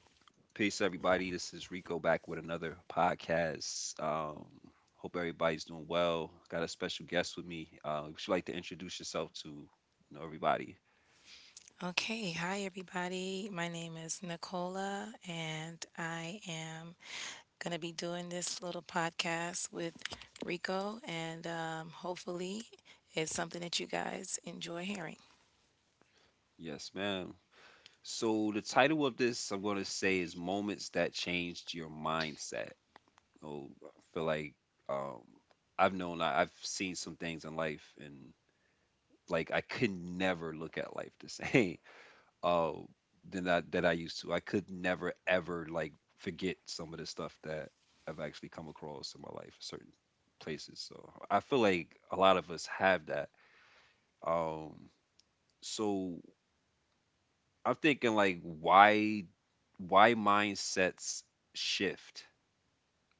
Peace, everybody. This is Rico back with another podcast. Hope everybody's doing well. Got a special guest with me. Would you like to introduce yourself to everybody? Okay, hi everybody. My name is Nicola, and I am going to be doing this little podcast with Rico, and hopefully, it's something that you guys enjoy hearing. Yes, ma'am. So the title of this I'm going to say is "Moments That Changed Your Mindset." Oh, I feel like um, I've seen some things in life, and like I could never look at life the same. uh, than I that I used to. I could never ever like forget some of the stuff that I've actually come across in my life, certain places. So I feel like a lot of us have that. Um, so I'm thinking like why mindsets shift?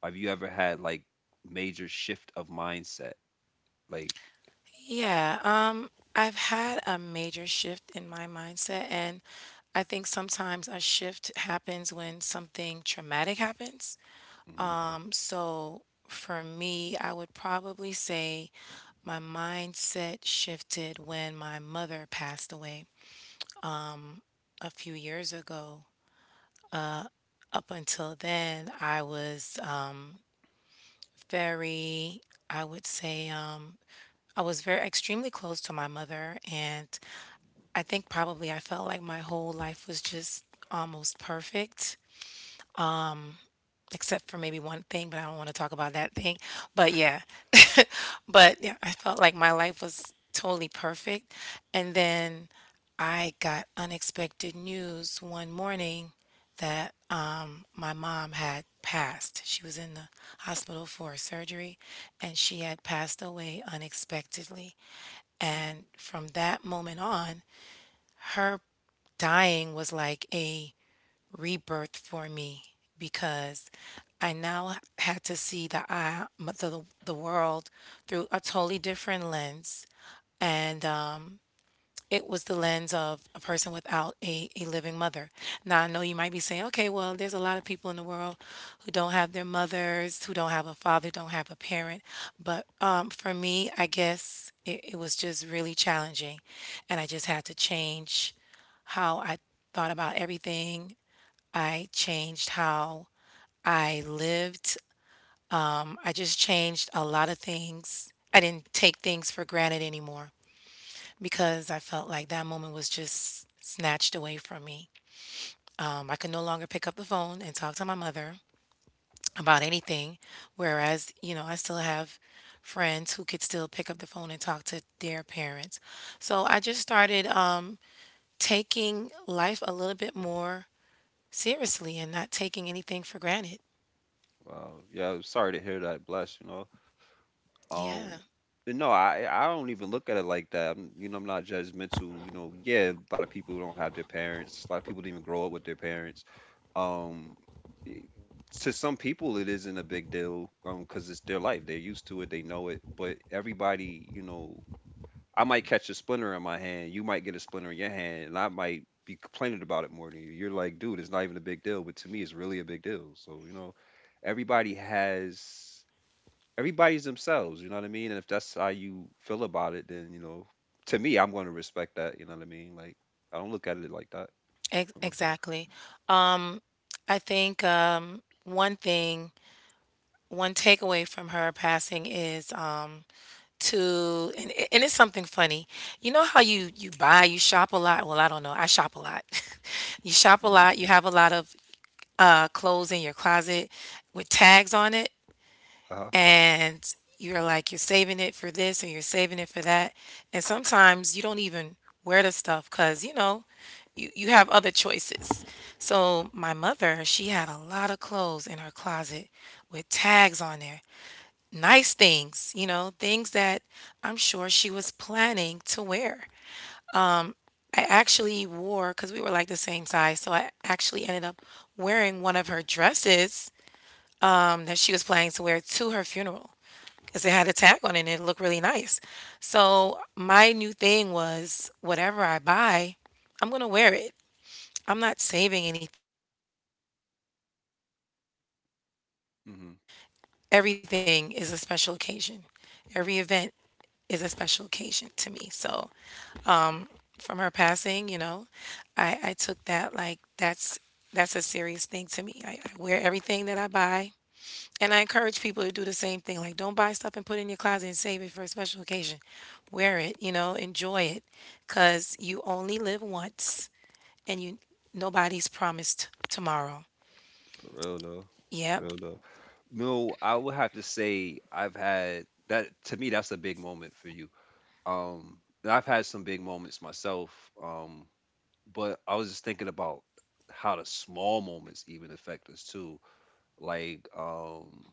Have you ever had like major shift of mindset? Like, Yeah, I've had a major shift in my mindset, and I think sometimes a shift happens when something traumatic happens. mhm, So for me, I would probably say my mindset shifted when my mother passed away a few years ago. Up until then, I was very, I would say, I was very extremely close to my mother. And I think probably I felt like my whole life was just almost perfect, except for maybe one thing, but I don't want to talk about that thing. But yeah, but yeah, I felt like my life was totally perfect. And then I got unexpected news one morning that my mom had passed. She was in the hospital for surgery and she had passed away unexpectedly. mm. And from that moment on, her dying was like a rebirth for me because I now had to see the world through a totally different lens. And it was the lens of a person without a living mother. Now, I know you might be saying, okay, well, there's a lot of people in the world who don't have their mothers, who don't have a father, don't have a parent. But for me, I guess it was just really challenging. And I just had to change how I thought about everything. I changed how I lived. I just changed a lot of things. I didn't take things for granted anymore because I felt like that moment was just snatched away from me. I could no longer pick up the phone and talk to my mother about anything, whereas, you know, I still have friends who could still pick up the phone and talk to their parents. So I just started taking life a little bit more seriously and not taking anything for granted. Wow. Yeah, I'm sorry to hear that. Bless, you know. Um, Yeah. but no, I don't even look at it like that. I'm, you know, I'm not judgmental. You know, yeah, a lot of people don't have their parents. A lot of people didn't even grow up with their parents. Um, i- to some people, it isn't a big deal. Because it's their life. They're used to it. They know it. But everybody, you know, I might catch a splinter in my hand. You might get a splinter in your hand, and I might be complaining about it more than you. You're like, dude, it's not even a big deal. But to me, it's really a big deal. So you know, everybody has everybody's themselves, you know what I mean? And if that's how you feel about it, then you know, to me, I'm going to respect that. You know what I mean? Like, I don't look at it like that. Exactly. Um, I think one thing, one takeaway from her passing is and it's something funny. You know how you buy, you shop a lot. Well, I don't know. I shop a lot. You shop a Mm. lot. You have a lot of clothes in your closet with tags on it, Uh-huh. and you're saving it for this and you're saving it for that, and sometimes you don't even wear the stuff because you know you have other choices. So my mother, she had a lot of clothes in her closet with tags on there, nice things, you know, things that I'm sure she was planning to wear. I actually wore because we were like the same size, so I actually ended up wearing one of her dresses, that she was planning to wear to her funeral because it had a tag on it and it looked really nice. So my new thing was whatever I buy, I'm gonna wear it. I'm not saving anything for, you know, a special occasion. Hmm. Everything is a special occasion. Every event is a special occasion to me. So from her passing, you know, I took that like that's a serious thing to me. I wear everything that I buy. And I encourage people to do the same thing. Like, don't buy stuff and put it in your closet and save it for a special occasion. Wear it, you know, enjoy it, because you only live once, and you nobody's promised tomorrow. For real though. For Yep. real though. No, I would have to say I've had that. To me, that's a big moment for you. And I've had some big moments myself. But I was just thinking about how the small moments even affect us too. Like, um.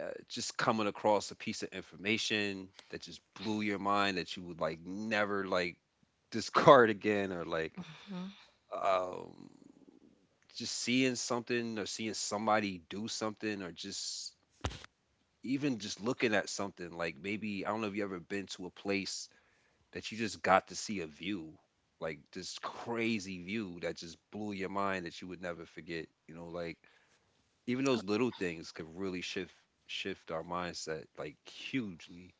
uh, just coming across a piece of information that just blew your mind that you would like never like discard again or like Hmm. um just seeing something or seeing somebody do something or just even just looking at something, like maybe I don't know if you ever been to a place that you just got to see a view like this crazy view that just blew your mind that you would never forget, you know, like even those little things could really shift our mindset like hugely.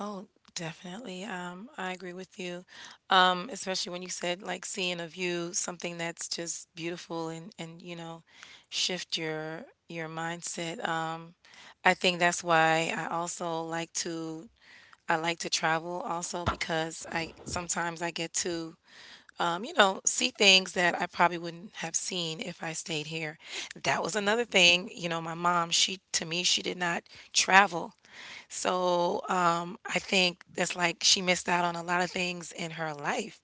Oh, definitely. I agree with you. Especially when you said like seeing a view, something that's just beautiful, and you know, shift your mindset. I think that's why I also like to, I like to travel also because I sometimes I get to, you know, see things that I probably wouldn't have seen if I stayed here. That was another thing, you know, my mom, she to me, she did not travel. So I think that's like she missed out on a lot of things in her life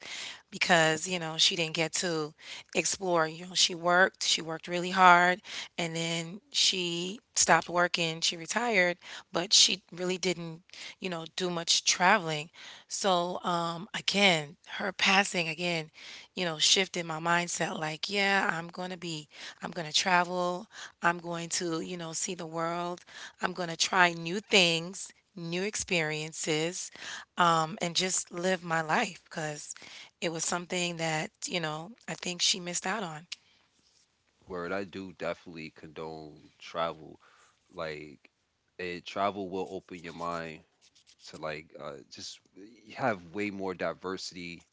because, you know, she didn't get to explore. You know, she worked really hard, and then she stopped working, she retired, but she really didn't, you know, do much traveling. So, again, her passing again, you know, shifted my mindset like, yeah, I'm going to be, I'm going to travel. I'm going to, you know, see the world. I'm going to try new things, new experiences, and just live my life because it was something that, you know, I think she missed out on. Word, I do definitely condone travel. Like, it travel will open your mind to like just you have way more diversity,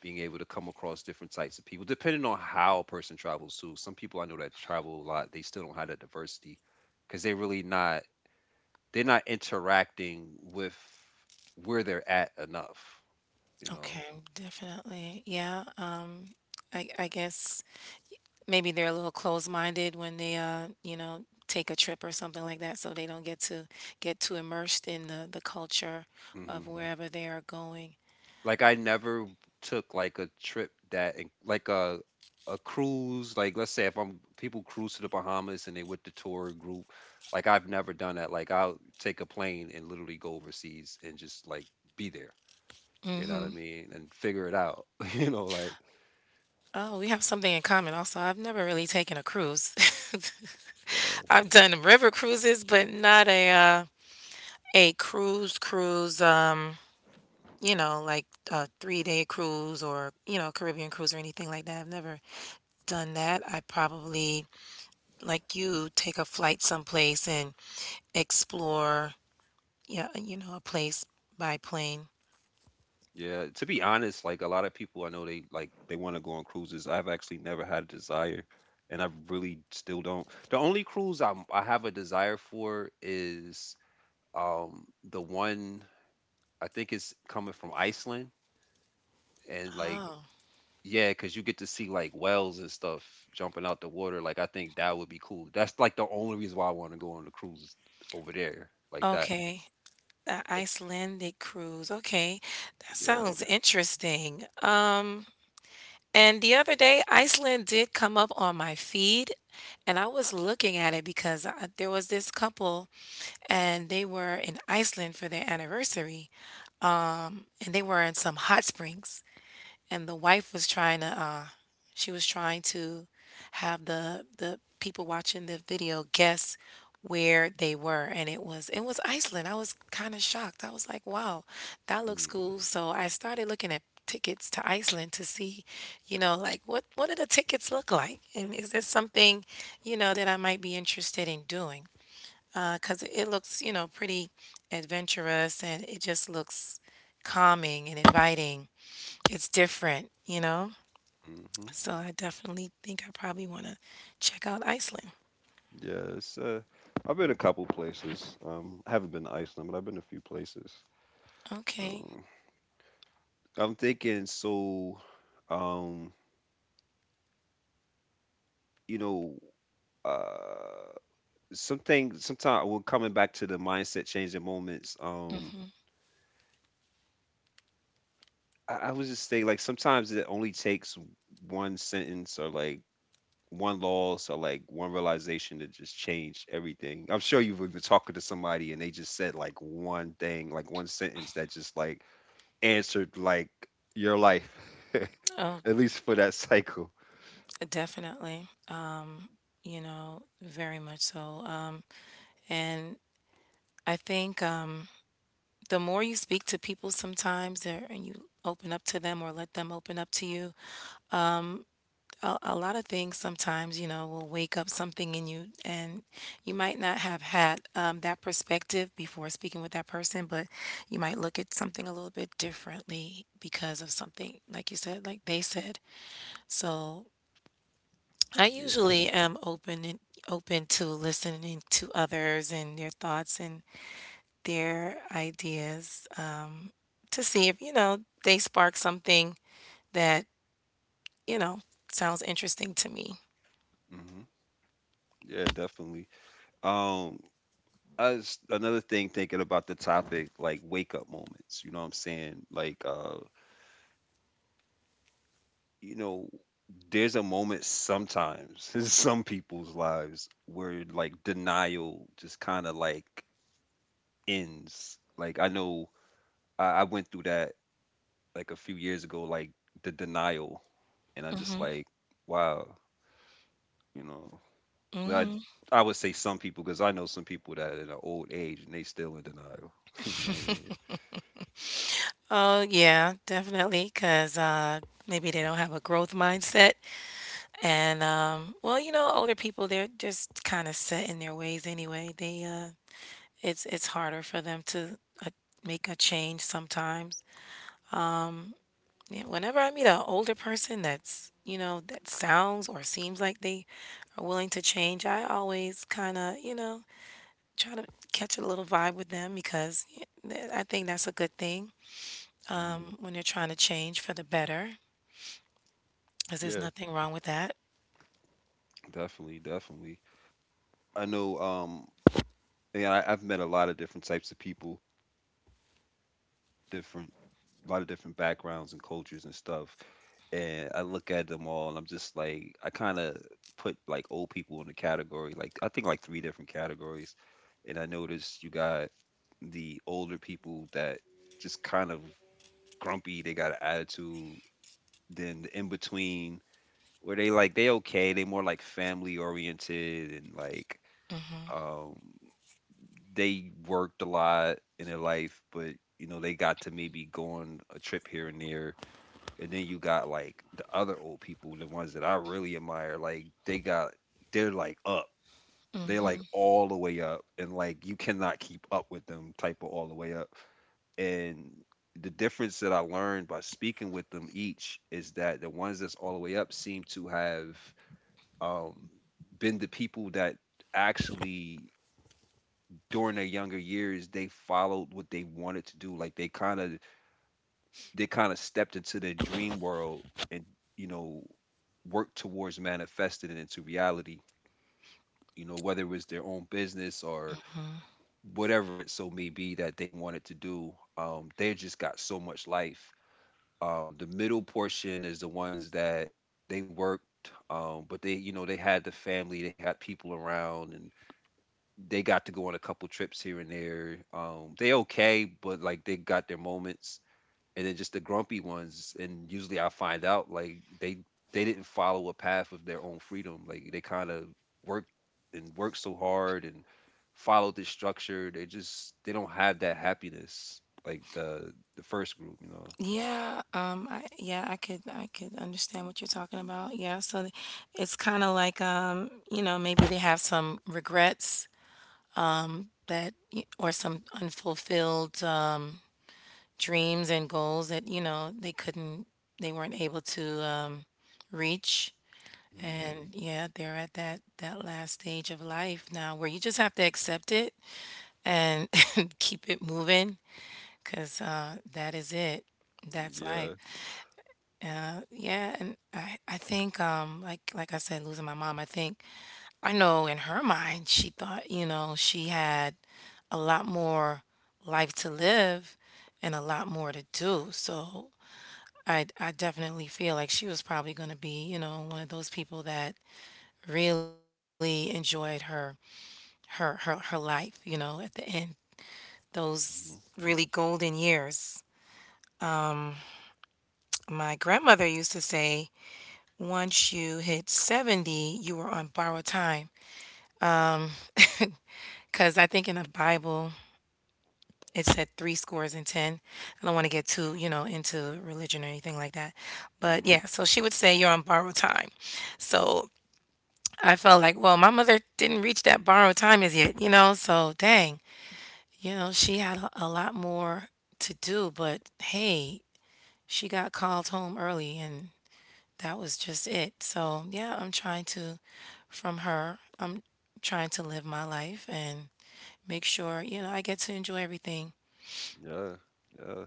being able to come across different types of people, depending on how a person travels too. Some people I know that travel a lot, they still don't have that diversity because they're not interacting with where they're at enough, you know. Okay, definitely. Yeah. I guess maybe they're a little closed-minded when they, you know, take a trip or something like that, so they don't get to get too immersed in the culture Mm-hmm. of wherever they are going. Like I never took like a trip that like a cruise, like let's say if I'm people cruise to the Bahamas and they with the tour group, like I've never done that. Like I'll take a plane and literally go overseas and just like be there. You know what I Mhm. mean? And figure it out. You know, like Oh, we have something in common also. I've never really taken a cruise. uh, I've done river cruises, but not a a cruise cruise, you know, like a three-day cruise or, you know, Caribbean cruise or anything like that. I've never done that. I probably, like you, take a flight someplace and explore, yeah, you know, a place by plane. yeah, to be honest, like a lot of people I know they like they want to go on cruises. I've actually never had a desire and I really still don't. The only cruise I have a desire for is the one I think is coming from Iceland and like Oh, yeah, because you get to see like whales and stuff jumping out the water. Like I think that would be cool. That's like the only reason why I want to go on a cruise over there like that. okay. The Like, Icelandic cruise. Okay. That yeah. sounds interesting. And the other day, Iceland did come up on my feed, and I was looking at it because I, there was this couple, and they were in Iceland for their anniversary, and they were in some hot springs, and the wife was trying to she was trying to have the people watching the video guess where they were, and it was Iceland. I was kind of shocked. I was like, "Wow, that looks Mm. cool." So I started looking at tickets to Iceland to see, you know, like what do the tickets look like? And is this something, you know, that I might be interested in doing? Cause it looks, you know, pretty adventurous and it just looks calming and inviting. It's different, you know? Mm-hmm. So I definitely think I probably want to check out Iceland. Yeah, it's, I've been a couple places. I haven't been to Iceland, but I've been a few places. Okay. Um, I'm thinking so, um, you know, uh, something sometimes well coming back to the mindset changing moments Mhm. I was just saying like sometimes it only takes one sentence or like one loss or like one realization to just change everything. I'm sure you've been talking to somebody and they just said like one thing, like one sentence that just like answered like your life Oh, at least for that cycle. definitely. You know, very much so. And I think the more you speak to people sometimes there and you open up to them or let them open up to you, a lot of things sometimes you know will wake up something in you, and you might not have had that perspective before speaking with that person, but you might look at something a little bit differently because of something like you said like they said. So I Yeah. usually am open and open to listening to others and their thoughts and their ideas, to see if, you know, they spark something that, you know, sounds interesting to me. Hmm. Yeah, definitely. um as another thing thinking about the topic like wake up moments, you know what I'm saying, like you know, there's a moment sometimes in some people's lives where like denial just kind of like ends. Like I know I went through that like a few years ago, like the denial, and I just like wow, you know, but I would say some people, because I know some people that are in an old age and they still in denial you know what I mean. Oh, yeah, definitely, 'cause, maybe they don't have a growth mindset, and, well, you know, older people, they're just kinda set in their ways anyway. They, it's harder for them to, uh, make a change sometimes. Yeah, whenever I meet an older person that's, you know, that sounds or seems like they are willing to change, I always kinda, you know, try to catch a little vibe with them because, y I think that's a good thing Mhm. when they're trying to change for the better. 'Cause there's Yeah, nothing wrong with that. definitely, definitely. I know, and I've met a lot of different types of people, different, a lot of different backgrounds and cultures and stuff. And I look at them all, and I'm just like, I kind of put like old people in a category, like I think like three different categories. And I noticed you got the older people that just kind of grumpy, they got an attitude. Then the in between, where they like they okay, they more like family oriented and like. um they worked a lot in their life, but you know, they got to maybe go on a trip here and there. And then you got like the other old people, the ones that I really admire, like they got they're like up. They're like Mhm. all the way up and like you cannot keep up with them type of all the way up. And the difference that I learned by speaking with them each is that the ones that's all the way up seem to have um been the people that actually during their younger years they followed what they wanted to do, like they kind of stepped into their dream world and you know worked towards manifesting it into reality, you know, whether it was their own business or whatever it so may be that they wanted to do. They just got so much life. The middle portion is the ones that they worked, but they, you know, they had the family, they had people around, and they got to go on a couple trips here and there. They okay, but like they got their moments, and then just the grumpy ones. And usually, I find out like they didn't follow a path of their own freedom. Like they kind of worked and worked so hard and followed this structure. They just they don't have that happiness like the first group, you know. Yeah, I could understand what you're talking about. Yeah, so it's kind of like, you know, maybe they have some regrets that or some unfulfilled dreams and goals that, you know, they couldn't they weren't able to reach. Mhm. And yeah, they're at that last stage of life now where you just have to accept it and keep it moving. Cause that is it. That's life. Yeah. Yeah, and I think like I said, losing my mom, I think I know in her mind she thought, you know, she had a lot more life to live and a lot more to do. So I definitely feel like she was probably gonna be, you know, one of those people that really enjoyed her life, you know, at the end. Those Hmm. really golden years. My grandmother used to say once you hit 70, you are on borrowed time. Because I think in the Bible, it said three scores and 10. I don't want to get too, you know, into religion or anything like that. Hmm. But yeah, so she would say you're on borrowed time. So I felt like, well, my mother didn't reach that borrowed time as yet, you know? So dang, you know, she had a lot more to do. But hey, she got called home early and that was just it. So, yeah, I'm trying to from her, I'm trying to live my life and make sure, you know, I get to enjoy everything. Yeah. Yeah.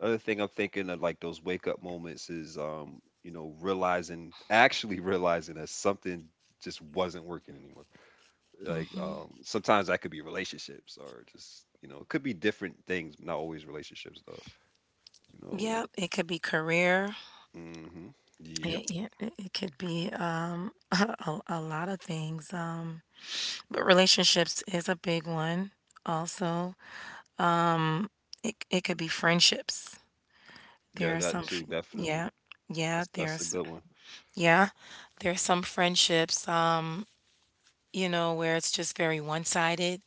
Other thing I'm thinking of like those wake up moments is you know, realizing actually realizing that something just wasn't working anymore. Like sometimes that could be relationships or just, you know, it could be different things, not always relationships though. You know. Yeah, it could be career. Mhm. Yep. It, yeah, it could be a lot of things. But relationships is a big one. Also, it could be friendships. Yeah, There are that some, too, definitely. yeah, yeah. That's a good one. yeah, there's some friendships. You know, where it's just very one sided,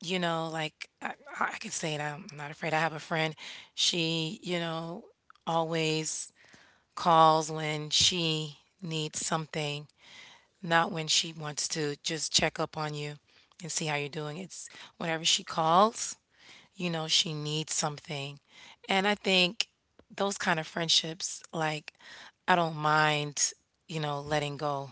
you know, like I can say it. I'm not afraid. I have a friend. She, you know, always calls when she needs something, not when she wants to just check up on you and see how you're doing. It's whenever she calls, you know, she needs something. And I think those kind of friendships, like, I don't mind, you know, letting go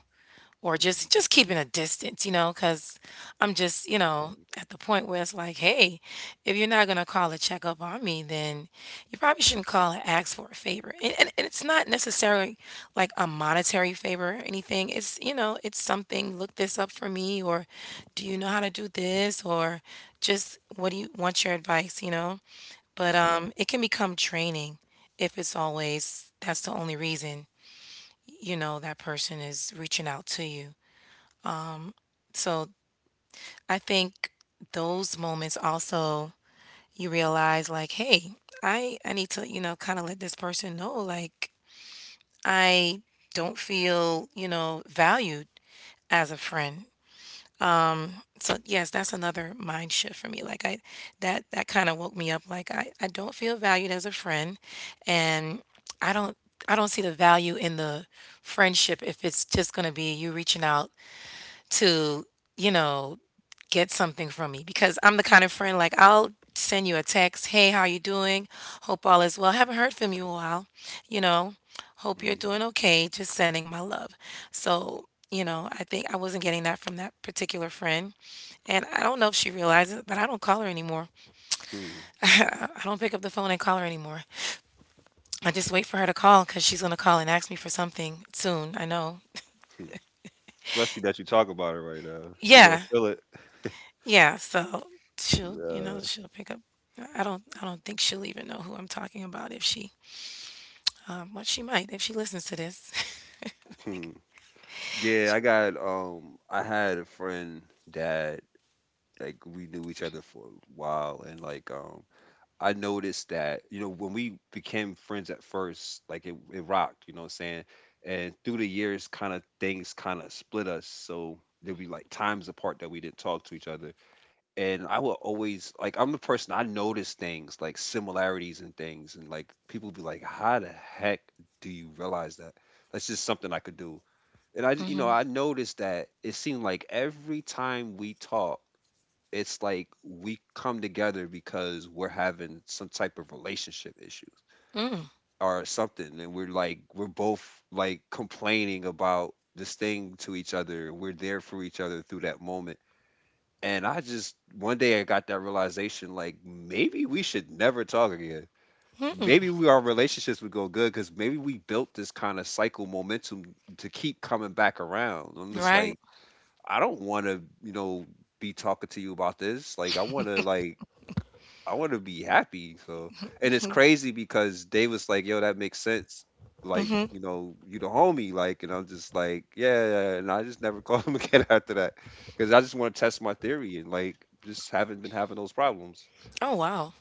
or Mhm. Just keeping a distance, you know, because I'm just, you know, at the point where it's like, hey, if you're not gonna call a check up on me, then you probably shouldn't call and ask for a favor. And it's not necessarily like a monetary favor or anything. It's, you know, it's something. Look this up for me, or do you know how to do this, or just what do you want your advice, But Mhm. It can become draining if it's always that's the only reason, you know, that person is reaching out to you. So I think those moments also you realize like, hey, I need to, you know, kind of let this person know like I don't feel, you know, valued as a friend. So yes, that's another mind shift for me. Like I that that kind of woke me up like I don't feel valued as a friend and I don't I don't see the value in the friendship if it's just going to be you reaching out to, you know, get something from me because I'm the kind of friend like I'll send you a text, "Hey, how you doing? Hope all is well. Haven't heard from you in a while. You know, hope you're Mhm. doing okay. Just sending my love." So, you know, I think I wasn't getting that from that particular friend. And I don't know if she realizes, but I don't call her anymore. Hmm. I don't pick up the phone and call her anymore. I just wait for her to call cuz she's going to call and ask me for something soon. I know. Hmm. Especially that you talk about it right now. She gonna Yeah. feel it. Yeah, so she'll, you Yeah. know, she'll pick up. I don't think she'll even know who I'm talking about if she, well, she might if she listens to this. Like, Hmm. Yeah, I got I had a friend that like we knew each other for a while and like I noticed that you know when we became friends at first like it rocked, you know what I'm saying? And through the years kind of things kind of split us. So there'd be like times apart that we didn't talk to each other. And I would always like I'm the person I notice things like similarities and things and like people be like how the heck do you realize that? That's just something I could do. And I, you mhm, know, I noticed that it seemed like every time we talk, it's like we come together because we're having some type of relationship issues mm, or something. And we're like, we're both like complaining about this thing to each other. We're there for each other through that moment. And I just, one day I got that realization like, maybe we should never talk again. Maybe we, our relationships would go good because maybe we built this kind of cycle momentum to keep coming back around. I'm just right. like, I don't want to, you know, be talking to you about this. Like, I want to, like, I want to be happy. So, and it's crazy because they was like, yo, that makes sense. Like, you know, you the homie. Like, and I'm just like, yeah. Yeah. And I just never called him again after that because I just want to test my theory and like just haven't been having those problems. Oh wow.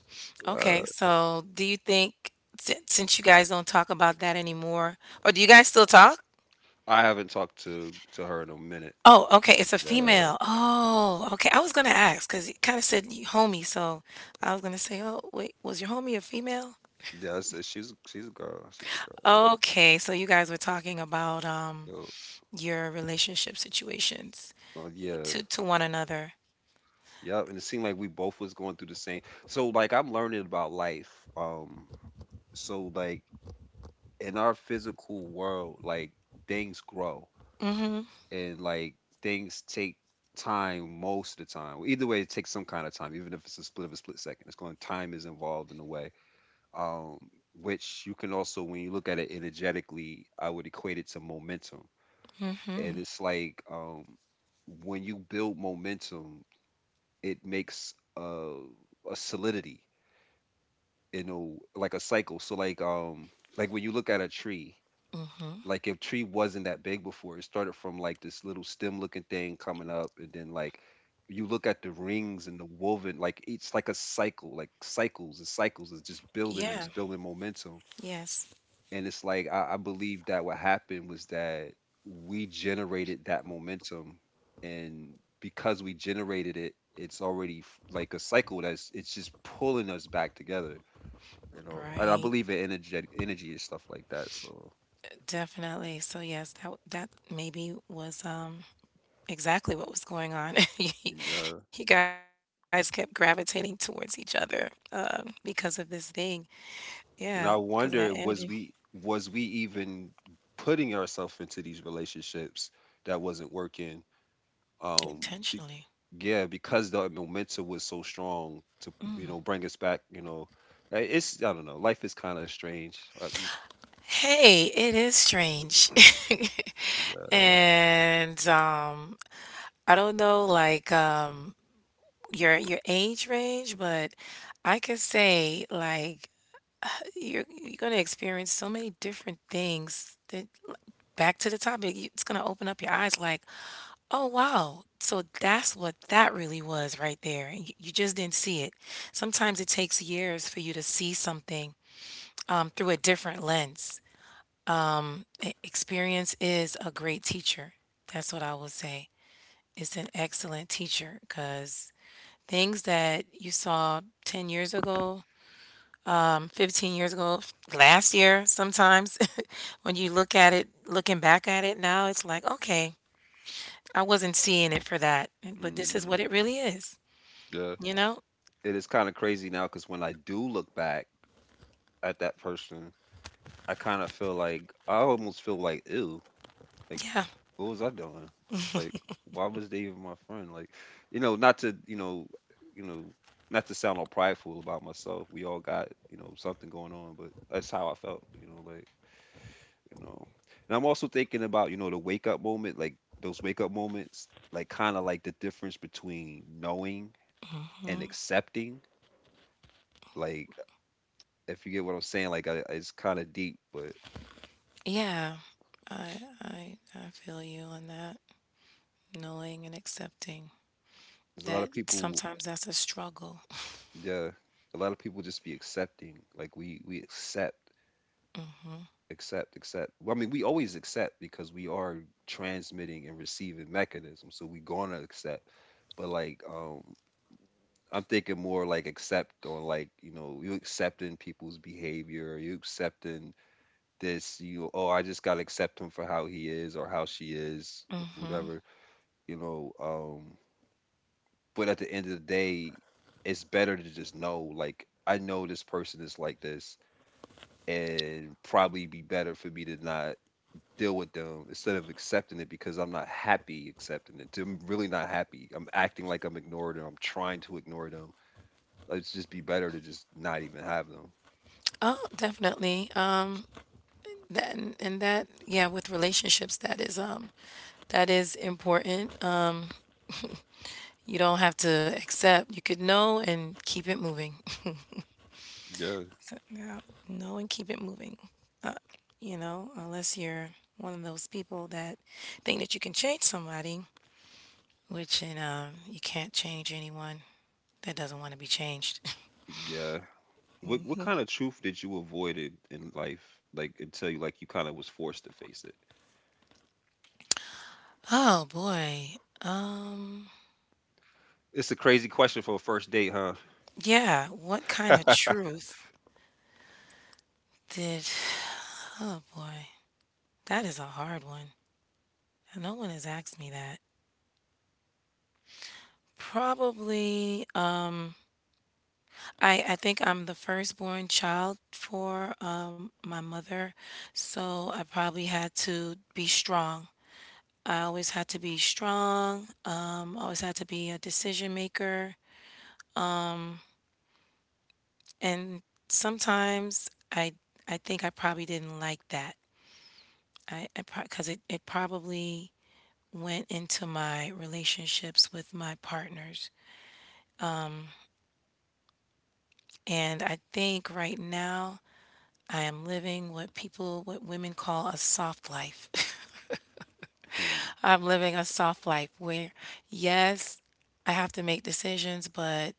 Uh, Okay. So, do you think since you guys don't talk about that anymore, or do you guys still talk? I haven't talked to her in a minute. Oh, okay. It's a Uh, female. Oh, okay. I was gonna ask because you kind of said y- homie, so I was gonna say, oh wait, was your homie a female? she's a girl. She's a Okay, so you guys were talking about girl. your relationship situations Yo, yeah. To one another. Yep, and it seemed like we both was going through the same. So like I'm learning about life. So like in our physical world, like things grow Mhm. and like things take time most of the time. Either way, it takes some kind of time, even if it's a split of a split second. It's going Time is involved in a way. Um which you can also when you look at it energetically, I would equate it to momentum. And Mhm. it's like when you build momentum, it makes a solidity, you know, like a cycle. So like when you look at a tree, Mhm. like if tree wasn't that big before, it started from like this little stem looking thing coming up, and then like you look at the rings and the woven, like it's like a cycle, like cycles and cycles is just building, and Yeah. it's building momentum. Yes. And it's like I believe that what happened was that we generated that momentum, and because we generated it, it's already like a cycle that's it's just pulling us back together, you know. And I Right. believe in energy and stuff like that. So Definitely. So yes, that that maybe was exactly what was going on. you yeah, you guys kept gravitating towards each other because of this thing. Yeah, because and of I that energy, wonder was we, even putting ourselves into these relationships that wasn't working, um be, intentionally. yeah, because the momentum was so strong to, you know, bring us back, you know. It's, I don't know, life is kind of strange, Hey, it is strange. And I don't know like your age range, but I could say like you're gonna experience so many different things that like, back to the topic, you- it's gonna open up your eyes like, oh wow, so that's what that really was right there. And you just didn't see it. Sometimes it takes years for you to see something, through a different lens. E- Experience is a great teacher. That's what I would say. It's an excellent teacher because things that you saw 10 years ago, 15 years ago, last year sometimes, when you look at it, looking back at it now, it's like, okay, I wasn't seeing it for that, but this is what hmm. it really is, Yeah, you know? it is kind of crazy now because when I do look back at that person, I kind of feel like, I almost feel like, ew, like Yeah. what was I doing? Like, why was they even my friend? Like, you know, not to, you know, you know, not to sound all prideful about myself. We all got, you know, something going on, but that's how I felt, you know. And I'm also thinking about, you know, the wake up moment, like those wake up moments, like kind of like the difference between knowing and accepting. Like, if you get what I'm saying, like, it's kind of deep, but Yeah. I feel you on that, knowing and accepting there's a lot that of people, sometimes that's a struggle. yeah, a lot of people just be accepting. Like, we accept, accept. Well, I mean, we always accept because we are transmitting and receiving mechanism, so we gonna accept. But like I'm thinking more like accept on, like, you know, you accepting people's behavior, you accepting this. You, oh, I just gotta accept him for how he is or how she is, Hmm whatever, you know. But at the end of the day, it's better to just know, like, I know this person is like this, and probably be better for me to not deal with them instead of accepting it, because I'm not happy accepting it. I'm really not happy. I'm acting like I'm ignoring them. I'm trying to ignore them. Like, it's just be better to just not even have them. Oh, definitely. That and yeah, with relationships, that is important. You don't have to accept. You could know and keep it moving. Yeah. Yeah, know and keep it moving. Uh, you know, unless you're one of those people that think that you can change somebody, which and you can't change anyone that doesn't want to be changed. Yeah. What kind of truth did you avoid in life? Like until you, like, you kind of was forced to face it. Oh boy. It's a crazy question for a first date, huh? Yeah. What kind of truth did? Oh boy. That is a hard one. No one has asked me that. Probably. I think I'm the firstborn child for my mother, so I probably had to be strong. I always had to be strong. Always had to be a decision maker, and sometimes I think I probably didn't like that. I because it probably went into my relationships with my partners, and I think right now I am living what people what women call a soft life. Hmm. I'm living a soft life where, yes, I have to make decisions, but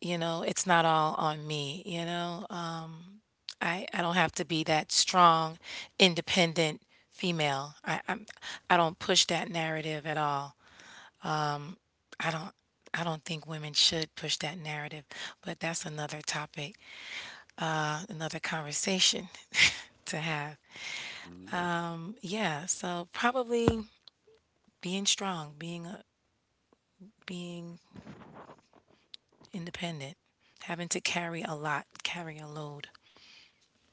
you know, it's not all on me, you know? I don't have to be that strong, independent female. I don't push that narrative at all. I don't I don't think women should push that narrative, but that's another topic, another conversation to have. Hmm. Yeah, so probably being strong, being independent, having to carry a lot, carry a load.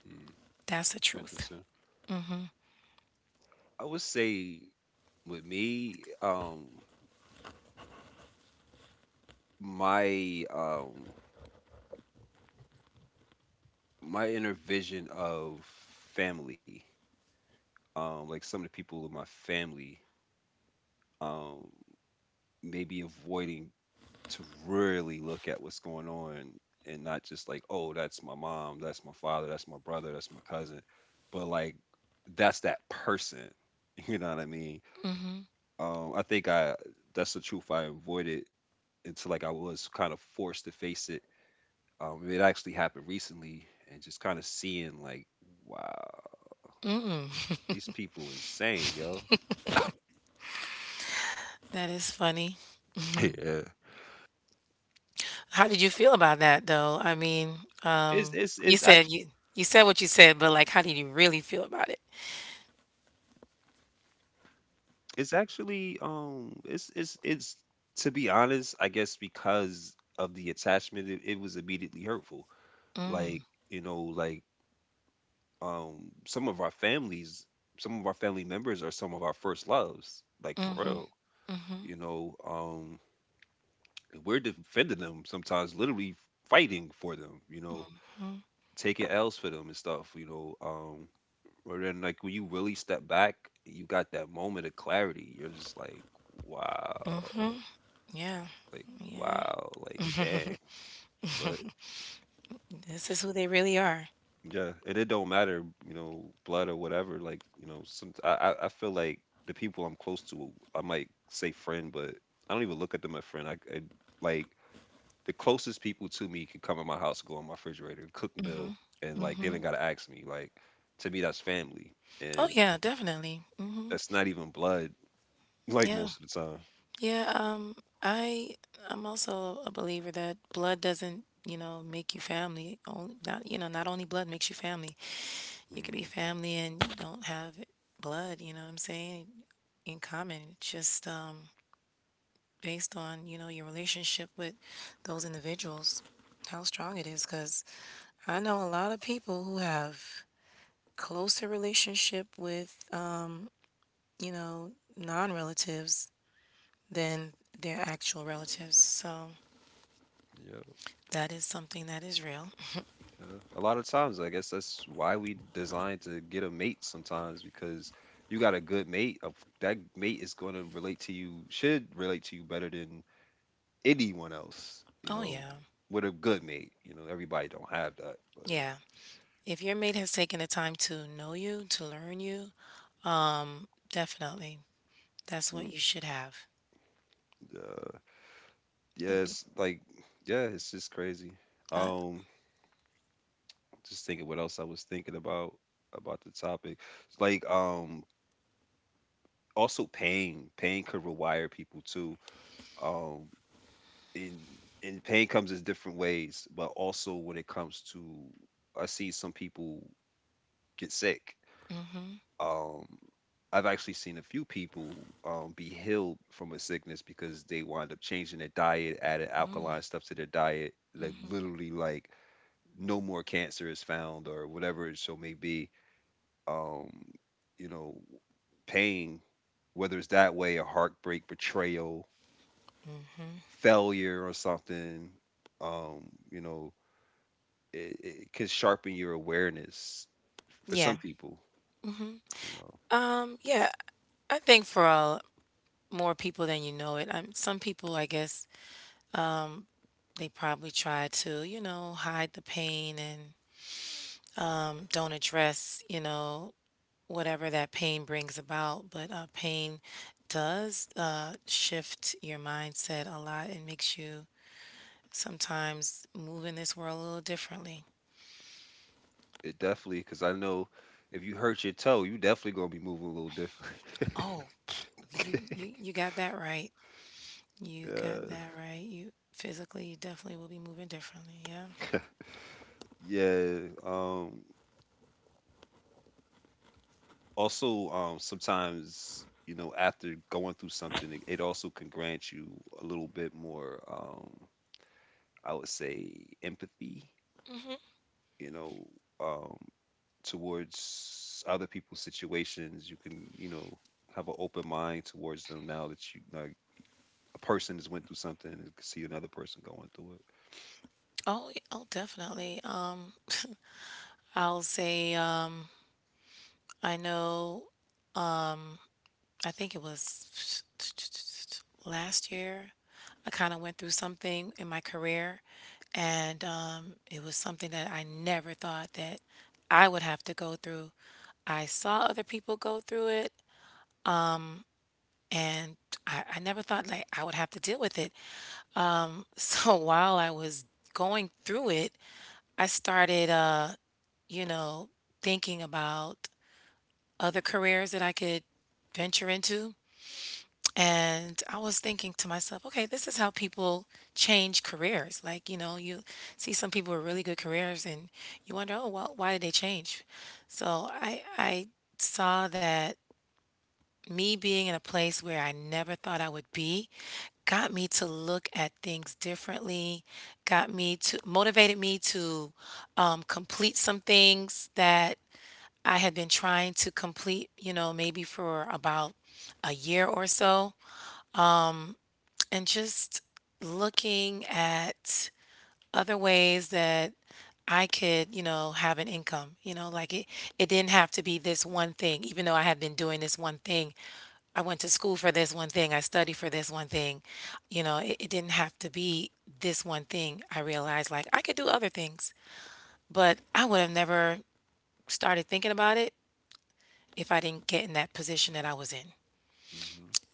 Hmm. That's the truth. Interesting. I would say with me, my my inner vision of family, like some of the people in my family, um, maybe avoiding to really look at what's going on, and not just like, oh, that's my mom, that's my father, that's my brother, that's my cousin, but like that's that person. You know what I mean? I think I That's the truth I avoided until like I was kind of forced to face it. It actually happened recently, and just kind of seeing like, wow, these people insane, yo. That is funny. Yeah. How did you feel about that though? I mean, It's it's you it's said you said what you said, but like, how did you really feel about it? It's actually it's to be honest, I guess because of the attachment, it was immediately hurtful. Like, you know, like some of our families, some of our family members are some of our first loves, like for real. You know, and we're defending them, sometimes literally fighting for them, you know, taking L's for them and stuff, you know. Or then like when you really step back, you got that moment of clarity. You're just like, wow. Yeah, Like, yeah. wow, like dang. But This is who they really are. yeah, and it don't matter, you know, blood or whatever. Like, you know, some, I feel like the people I'm close to, I might say friend, but I don't even look at them as friend. I Like, the closest people to me can come in my house, go in my refrigerator, cook meal, and like they don't gotta ask me. Like, to me, that's family, Oh and yeah, definitely. Hmm that's not even blood. Like Yeah. most of the time. Yeah, I I'm also a believer that blood doesn't, you know, make you family. Only not, you know, not only blood makes you family. You could be Mhm. family and you don't have blood, you know what I'm saying? In common, it's just based on, you know, your relationship with those individuals, how strong it is cuz I know a lot of people who have closer relationship with you know, non-relatives than their actual relatives. So that is something that is real. A lot of times, I guess that's why we designed to get a mate sometimes, because you got a good mate. That mate is going to relate to you, should relate to you better than anyone else, you Oh, know, yeah. with a good mate. You know, everybody don't have that, but Yeah. If your mate has taken the time to know you, to learn you, definitely. That's what mm, you should have. uh, yeah, Um, like, yeah, it's just crazy. Uh, Um, just thinking what else I was thinking about the topic, like also pain. Pain could rewire people too. Um, and pain comes in different ways, but also when it comes to, I see some people get sick. mhm. Um, I've actually seen a few people be healed from a sickness because they wind up changing their diet, adding alkaline stuff to their diet, like literally like no more cancer is found or whatever it so may be. Um, you know, pain, whether it's that way, a heartbreak, betrayal, failure or something, you know, it can sharpen your awareness for some Yeah. people, you know. Yeah. I think for all, more people than you know it, some people, I guess, they probably try to, you know, hide the pain and don't address, you know, whatever that pain brings about. But pain does, shift your mindset a lot and makes you sometimes move in this world a little differently. It definitely, because I know if you hurt your toe, you definitely gonna be moving a little different. Oh, you got that right. You got Yeah. that right. You physically, you definitely will be moving differently. Yeah. Yeah. um Also, sometimes, you know, after going through something, it also can grant you a little bit more I would say empathy, you know, um towards other people's situations. You can, you know, have an open mind towards them now that you, like, a person has went through something and can see another person going through it. Oh, y- oh, definitely. I'll say I know I think it was last year. I kind of went through something in my career, and it was something that I never thought that I would have to go through. I saw other people go through it, and I never thought like I would have to deal with it. So while I was going through it, I started, you know, thinking about other careers that I could venture into. And I was thinking to myself, okay, this is how people change careers. Like, you know, you see some people with really good careers and you wonder, oh, well, why did they change? So I saw that me being in a place where I never thought I would be got me to look at things differently, got me to, motivated me to complete some things that I had been trying to complete, you know, maybe for about a year or so and just looking at other ways that I could, you know, have an income, you know, like it didn't have to be this one thing, even though I had been doing this one thing. I went to school for this one thing, I studied for this one thing. You know, it didn't have to be this one thing. I realized like I could do other things, but I would have never started thinking about it if I didn't get in that position that I was in.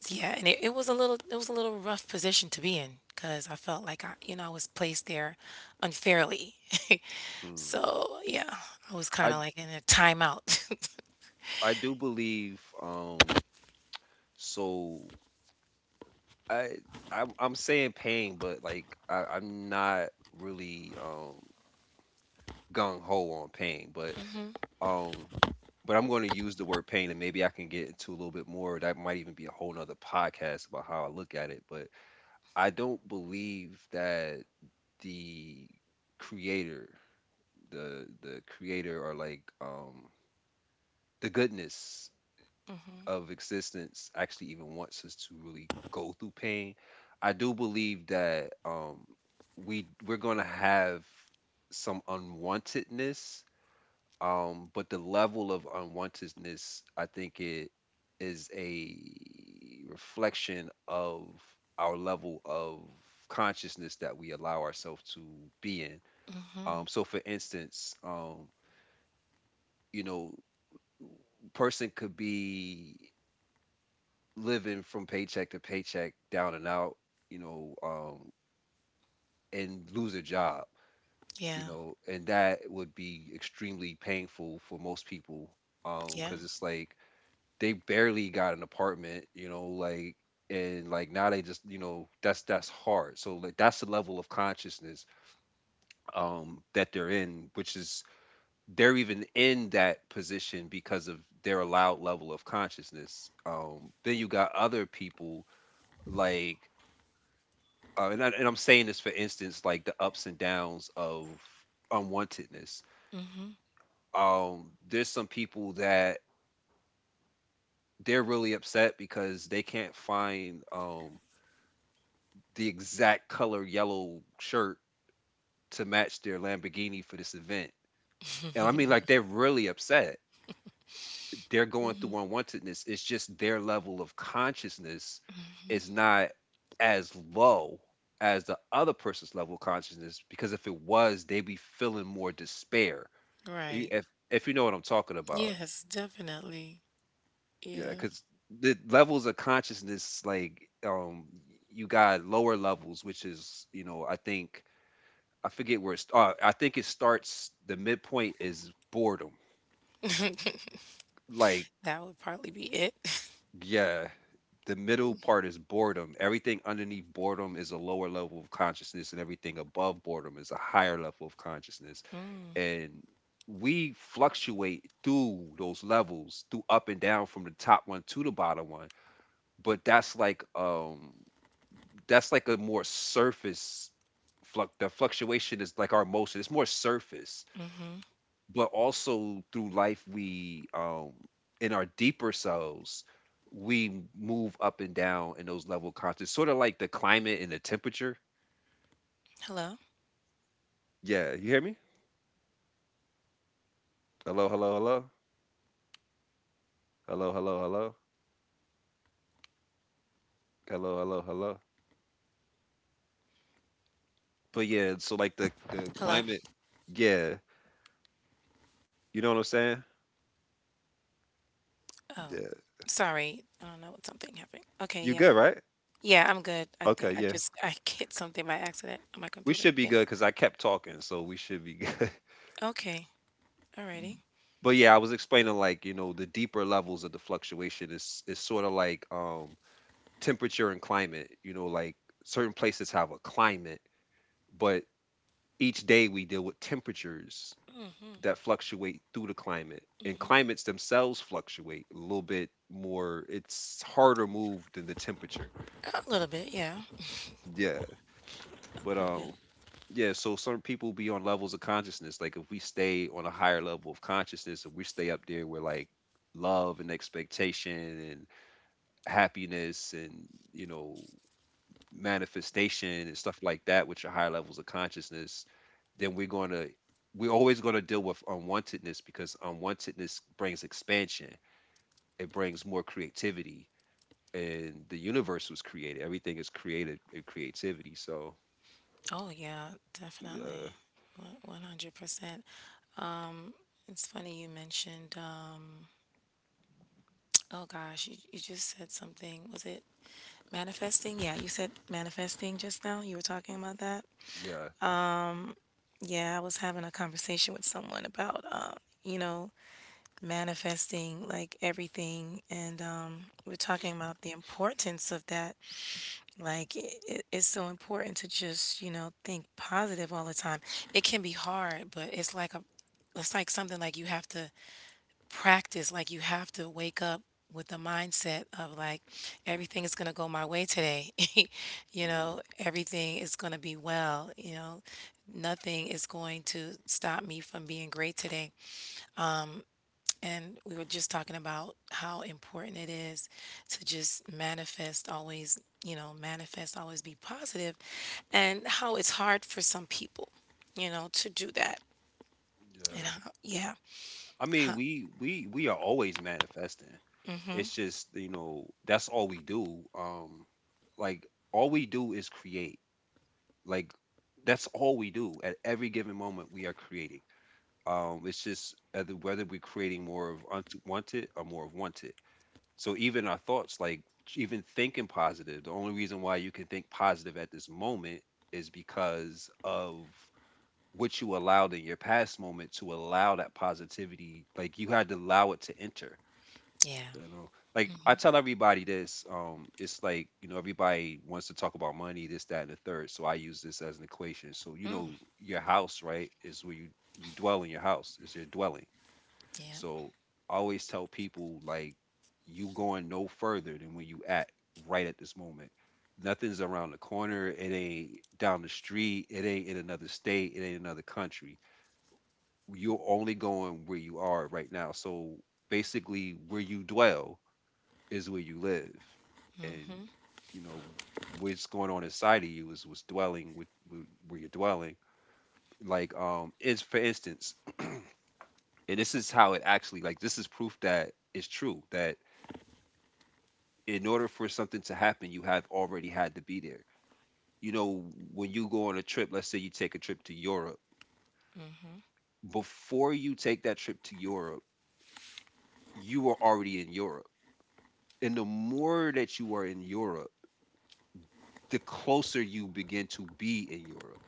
Yeah, and it was a little it was a little rough position to be in because I felt like I, you know, I was placed there unfairly. Hmm. Hmm. So yeah, I was kind I of like in a timeout. I do believe. So I I'm saying pain, but like I'm not really gung ho on pain, but hmm um. But I'm going to use the word pain, and maybe I can get into a little bit more. That might even be a whole nother podcast about how I look at it. But I don't believe that the creator, the creator, or like the goodness of existence actually even wants us to really go through pain. I do believe that we, we're going to have some unwantedness. But the level of unwantedness, I think it is a reflection of our level of consciousness that we allow ourselves to be in. hmm So for instance, you know, person could be living from paycheck to paycheck, down and out, you know, and lose a job, Yeah, you know, and that would be extremely painful for most people, yeah, because it's like they barely got an apartment, you know, like, and like now they just, you know, that's hard. So like that's the level of consciousness that they're in, which is they're even in that position because of their allowed level of consciousness. Then you got other people like and I'm saying this for instance, like the ups and downs of unwantedness. There's some people that they're really upset because they can't find the exact color yellow shirt to match their Lamborghini for this event. And I mean, like, they're really upset. They're going through unwantedness. It's just their level of consciousness is not as low as the other person's level of consciousness, because if it was, they'd be feeling more despair. Right. If you know what I'm talking about, Yes, definitely. yeah, Yeah, because the levels of consciousness, like, you got lower levels, which is, you know, I think, I forget where it's. I think it starts. The midpoint is boredom. Like, that would probably be it. yeah, the middle part is boredom. Everything underneath boredom is a lower level of consciousness, and everything above boredom is a higher level of consciousness. And we fluctuate through those levels, through up and down from the top one to the bottom one. But that's like a more surface fluc the fluctuation is like our emotion. It's more surface, hmm but also through life we in our deeper selves we move up and down in those level of conscious, sort of like the climate and the temperature. Hello, Yeah, you hear me? Hello hello hello, hello hello hello, hello hello hello. But yeah, so like the hello. climate. Yeah. You know what I'm saying? Oh, Yeah. sorry. I don't know what something happened. Okay, You yeah, good, right? yeah. I'm good. I think Okay, I yeah, just I hit something by accident on my we computer. should Yeah. be good because I kept talking, so we should be good. Okay. Alrighty. But yeah, I was explaining like, you know, the deeper levels of the fluctuation is sort of like temperature and climate, you know, like certain places have a climate, but each day we deal with temperatures that fluctuate through the climate. And climates themselves fluctuate a little bit more. It's harder moved than the temperature. A little bit, yeah, Yeah. a But little bit. um yeah, so some people be on levels of consciousness. Like if we stay on a higher level of consciousness, if we stay up there where like love and expectation and happiness and, you know, manifestation and stuff like that, which are higher levels of consciousness, then we're always going to deal with unwantedness because unwantedness brings expansion. It brings more creativity, and the universe was created. Everything is created in creativity. So Oh yeah, yeah, definitely. 100%. It's funny you mentioned. Oh gosh, you just said something. Was it manifesting? Yeah, you said manifesting just now. You were talking about that. yeah, Yeah, I was having a conversation with someone about, you know, manifesting like everything, and we're talking about the importance of that. It's so important to just, think positive all the time. It can be hard, but it's like a it's like something like you have to practice, like you have to wake up with the mindset of like everything is going to go my way today. Mm, Everything is going to be well. Nothing is going to stop me from being great today. And we were just talking about how important it is to just manifest always, manifest always be positive and how it's hard for some people, to do that. And yeah. how, yeah. I mean, Huh, we are always manifesting. It's just, you know, that's all we do. Like, all we do is create. Like, that's all we do. At every given moment, we are creating. It's just whether we're creating more of unwanted or more of wanted. So even our thoughts, like, even thinking positive, the only reason why you can think positive at this moment is because of what you allowed in your past moment to allow that positivity. Like, you had to allow it to enter. yeah. You know, like, I tell everybody this. It's like, you know, everybody wants to talk about money, this, that, and the third. So I use this as an equation. So, you know, your house, right, is where you— you dwell. In your house is your dwelling. Yeah. So I always tell people, like, you going no further than where you at right at this moment. Nothing's around the corner, it ain't down the street, it ain't in another state, it ain't another country. You're only going where you are right now. So basically, where you dwell is where you live, and, you know, what's going on inside of you is what's dwelling with, where you're dwelling. Like, it's, for instance, and this is how it actually— like, this is proof that it's true that in order for something to happen, you have already had to be there. You know, when you go on a trip, let's say you take a trip to Europe. Before you take that trip to Europe, you are already in Europe. And the more that you are in Europe, the closer you begin to be in Europe.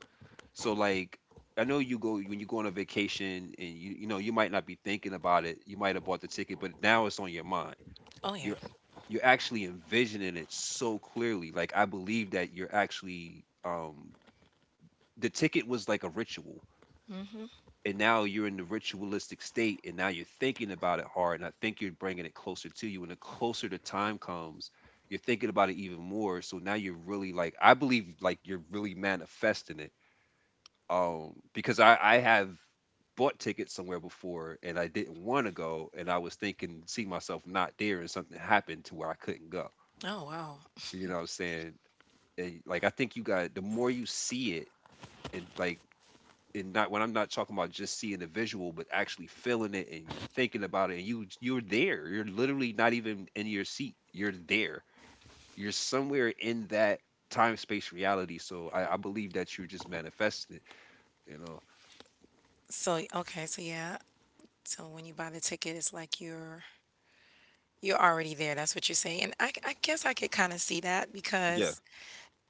So like, I know you go— when you go on a vacation and you know, you might not be thinking about it. You might have bought the ticket, but now it's on your mind. Oh yeah. You're you're actually envisioning it so clearly. Like, I believe that you're actually the ticket was like a ritual, and now you're in the ritualistic state, and now you're thinking about it hard, and I think you're bringing it closer to you, and the closer the time comes, you're thinking about it even more. So now you're really like— I believe like you're really manifesting it, because I have bought tickets somewhere before and I didn't want to go, and I was thinking, see myself not there, and something happened to where I couldn't go. Oh wow. You know what I'm saying? And like, I think you got— the more you see it, and like, and not— when I'm not talking about just seeing the visual, but actually feeling it, and you thinking about it, and you're there. You're literally not even in your seat. You're there. You're somewhere in that time space reality. So I believe that you're just manifesting it, you know. So okay, so yeah. So when you buy the ticket, it's like you're already there. That's what you're saying. And I guess I could kind of see Yeah. that because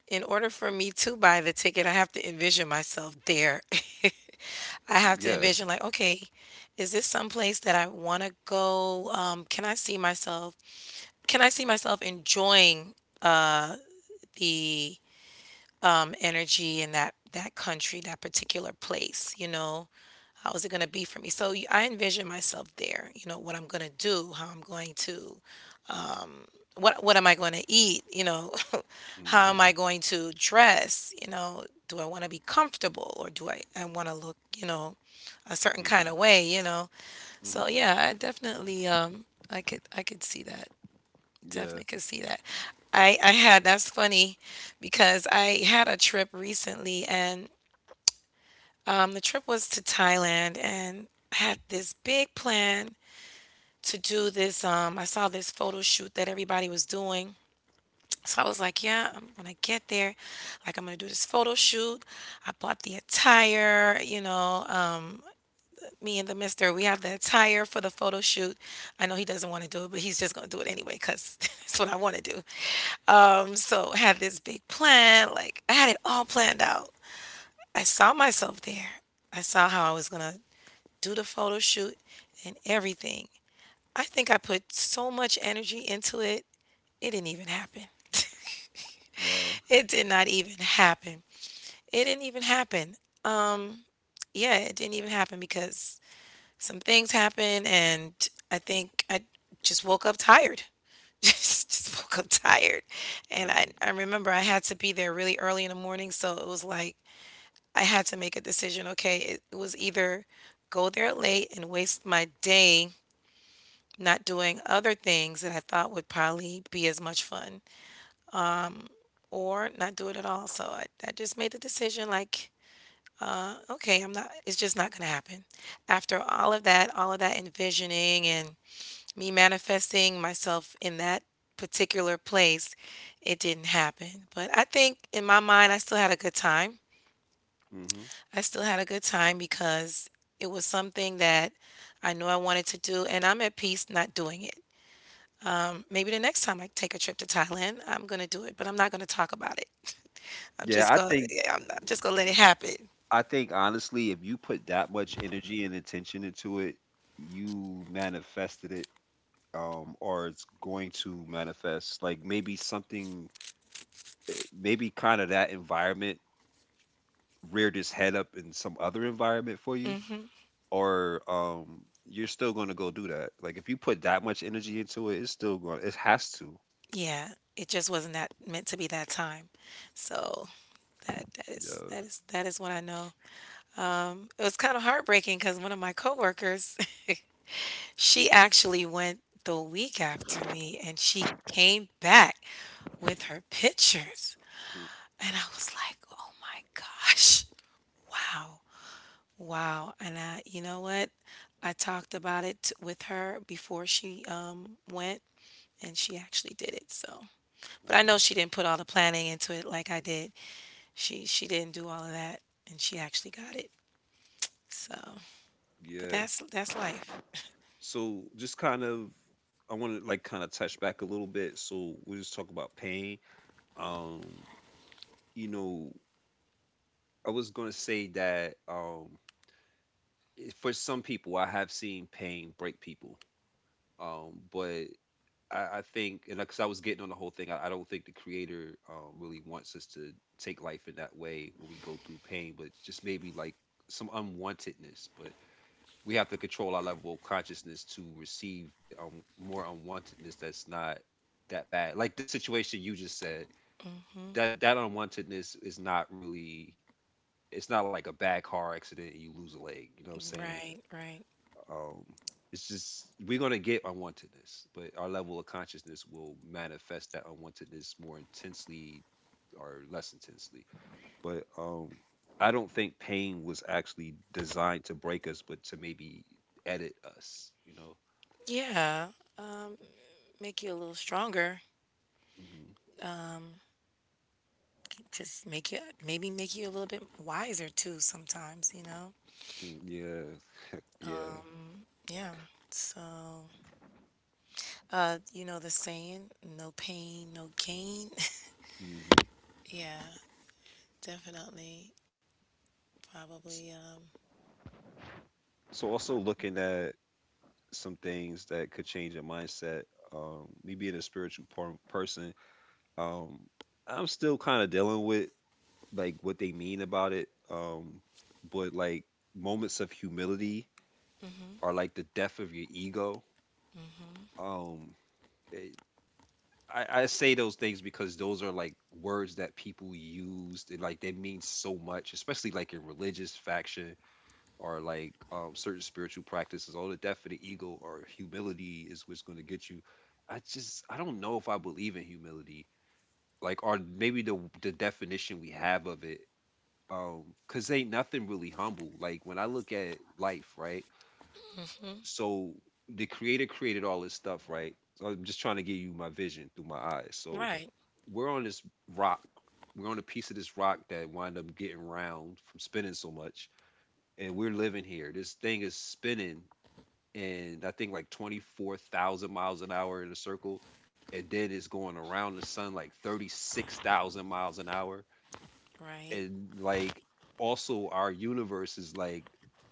in order for me to buy the ticket, I have to envision myself there. I Yeah. have to envision like, okay, is this someplace that I want to go? Can I see myself? Can I see myself enjoying uh, the energy in that country, that particular place? You know, how is it going to be for me? So I envision myself there. You know, what I'm going to do, how I'm going to what am I going to eat? You know, how Mhm, am I going to dress? You know, do I want to be comfortable or do I want to look, you know, a certain mm, kind of way, you know? mhm. So yeah, I definitely. I could see that. Yeah. Definitely could see that. I had that's funny because I had a trip recently and the trip was to Thailand, and I had this big plan to do this, um, I saw this photo shoot that everybody was doing, so I was like, yeah, when I get there, like I'm gonna do this photo shoot. I bought the attire, you know. Me and the mister, we have the attire for the photo shoot. I know he doesn't want to do it, but he's just gonna do it anyway because it's what I want to do. So I had this big plan, like I had it all planned out. I saw myself there. I saw how I was gonna do the photo shoot and everything. I think I put so much energy into it, it didn't even happen. Wow. It did not even happen. It didn't even happen. Um, yeah, it didn't even happen because some things happened, and I think I just woke up tired. Just woke up tired, and I Mm. I remember I had to be there really early in the morning, so it was like I had to make a decision. Okay, it was either go there late and waste my day not doing other things that I thought would probably be as much fun, or not do it at all. So I just made the decision like okay, I'm not it's just not gonna happen. After all of that envisioning and me manifesting myself in that particular place, it didn't happen. But I think in my mind, I still had a good time. Hmm. I still had a good time because it was something that I knew I wanted to do, and I'm at peace not doing it. Maybe the next time I take a trip to Thailand, I'm gonna do it, but I'm not gonna talk about it. I'm Yeah, just I gonna, think— yeah, I'm just gonna let it happen. I think honestly, if you put that much energy and attention into it, you manifested it, or it's going to manifest. Like, maybe something— eh, maybe kind of that environment reared its head up in some other environment for you, or you're still going to go do that. Like, if you put that much energy into it, it's still going. It has to. Yeah, it just wasn't that meant to be that time. So Yeah. That is what I know. It was kind of heartbreaking because one of my coworkers, she actually went the week after me, and she came back with her pictures, Mm. and I was like, oh my gosh, wow, wow. And I, you know what? I talked about it with her before she went, and she actually did it. So. But I Nice. know she didn't put all the planning into it like I did. She didn't do all of that, and she actually got it. So, but Yeah. That's life. So, just kind of— I want to like kind of touch back a little bit. So we just talk about pain. Um, you know, I was gonna say that for some people, I have seen pain break people. But I think, and because I was getting on the whole thing, I don't think the creator really wants us to take life in that way when we go through pain, but just maybe like some unwantedness. But we have to control our level of consciousness to receive the more unwantedness that's not that bad. Like, the situation you just said, that that unwantedness is not really— it's not like a bad car accident and you lose a leg. You know what I'm saying? Right, right. Um, it's just we're gonna get unwantedness, but our level of consciousness will manifest that unwantedness more intensely or less intensely. But I don't think pain was actually designed to break us, but to maybe edit us, you know. Yeah. Um, make you a little stronger. Mhm. Just make you maybe make you a little bit wiser too sometimes, you know? Mm, yeah, yeah. Yeah. So, you know the saying, no pain, no gain. Hmm. Yeah, definitely. Probably So also, looking at some things that could change your mindset. Me being a spiritual person, um, I'm still kind of dealing with like what they mean about it. But like, moments of humility are like the death of your ego. Um, it, I say those things because those are like words that people use. They— like, they mean so much, especially like in religious faction, or like, certain spiritual practices. All the death of the ego or humility is what's going to get you. I don't know if I believe in humility, like, or maybe the definition we have of it, cause ain't nothing really humble. Like, when I look at life, right? mhm. So the creator created all this stuff, right? So I'm just trying to give you my vision through my eyes. So Right, we're on this rock. We're on a piece of this rock that wind up getting round from spinning so much, and we're living here. This thing is spinning, and I think like 24,000 miles an hour in a circle. And then it's going around the sun like 36,000 miles an hour. right. And like, also our universe is like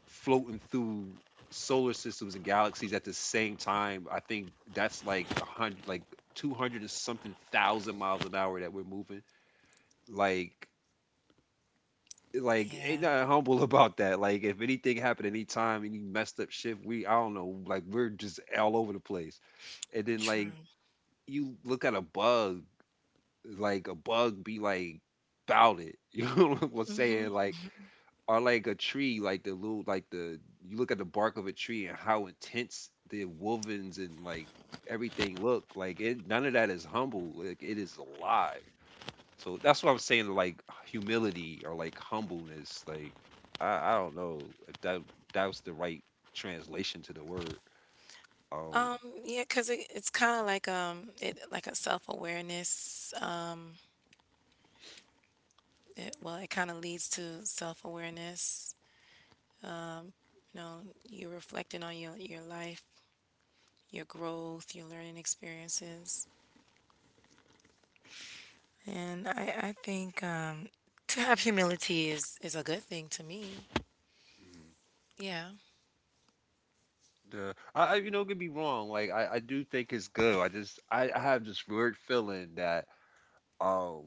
floating through solar systems and galaxies at the same time. I think that's like a hundred, like 200 and something thousand miles an hour that we're moving. Like, like Yeah, ain't nothing humble about that. Like if anything happened anytime, any messed up shit, we— I don't know, like we're just all over the place. And then, like, true. you look at a bug, like a bug be like about it. You know what I'm Hmm. saying? Like, or like a tree, like the little— like the— you look at the bark of a tree and how intense the wovens and like everything look. Like it— none of that is humble. Like, it is alive. So that's what I'm saying, like humility or like humbleness. Like, I don't know if that was the right translation to the word. Um. Um, yeah, 'cause it's kind of like it like a self-awareness, it kind of leads to self-awareness. You know, you're reflecting on your life, your growth, your learning experiences. And I think to have humility is a good thing to me. Yeah. Yeah, I, you know, could be wrong. Like, I do think it's good. I just— I have this weird feeling that um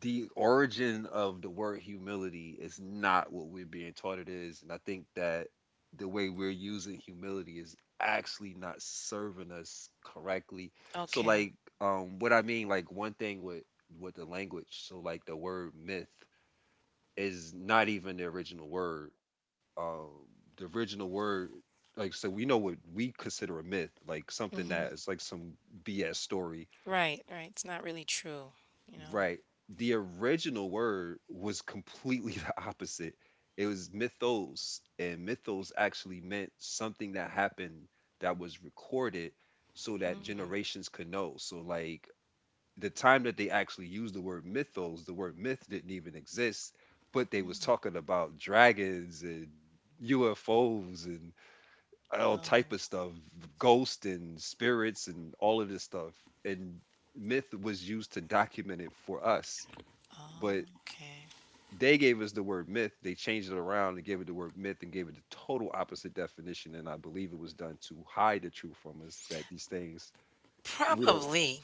the origin of the word humility is not what we're being taught it is, and I think that the way we're using humility is actually not serving us correctly. So Okay. like, what I mean, like, one thing with the language. So like, the word myth is not even the original word. um the original word— like, so we know what we consider a myth, like Hmm. something that is like some BS story. Right, right. It's not really true, you know. Right. The original word was completely the opposite. It was mythos, and mythos actually meant something that happened that was recorded so that generations could know. So like, the time that they actually used the word mythos, the word myth didn't even exist. But they was talking about dragons and UFOs and all type Oh, of stuff, ghosts and spirits and all of this stuff. And myth was used to document it for us, but okay. they gave us the word myth. They changed it around and gave it the word myth and gave it the total opposite definition. And I believe it was done to hide the truth from us that these things we don't Probably.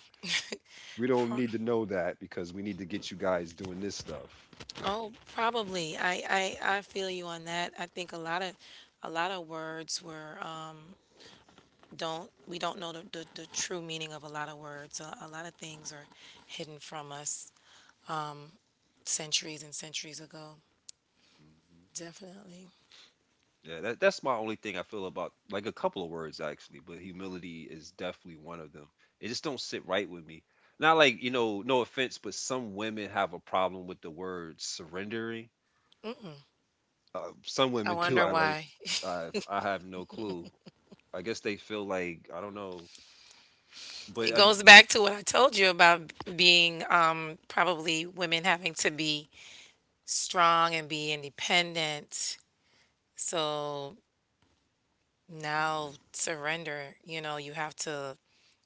we don't need to know that because we need to get you guys doing this stuff. Oh, probably. I feel you on that. I think a lot of a lot of words were, don't we don't know the true meaning of a lot of words. A lot of things are hidden from us centuries and centuries ago. Mhm. Definitely. Yeah, that's my only thing I feel about like a couple of words actually, but humility is definitely one of them. It just don't sit right with me. Not like, you know, no offense, but some women have a problem with the word surrendering. Some I women too. wonder I like why. I I have no clue. I guess they feel like I don't know, but It I, goes back to what I told you about being probably women having to be strong and be independent. So now surrender, you know,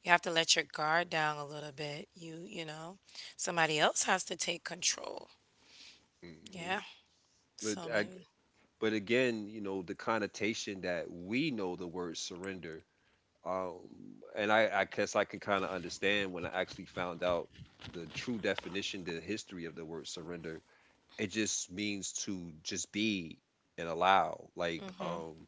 you have to let your guard down a little bit, you know, somebody else has to take control. hmm Yeah, but so I, maybe but again, you know, the connotation that we know the word surrender um and I guess I can kind of understand when I actually found out the true definition, the history of the word surrender. It just means to just be and allow, like,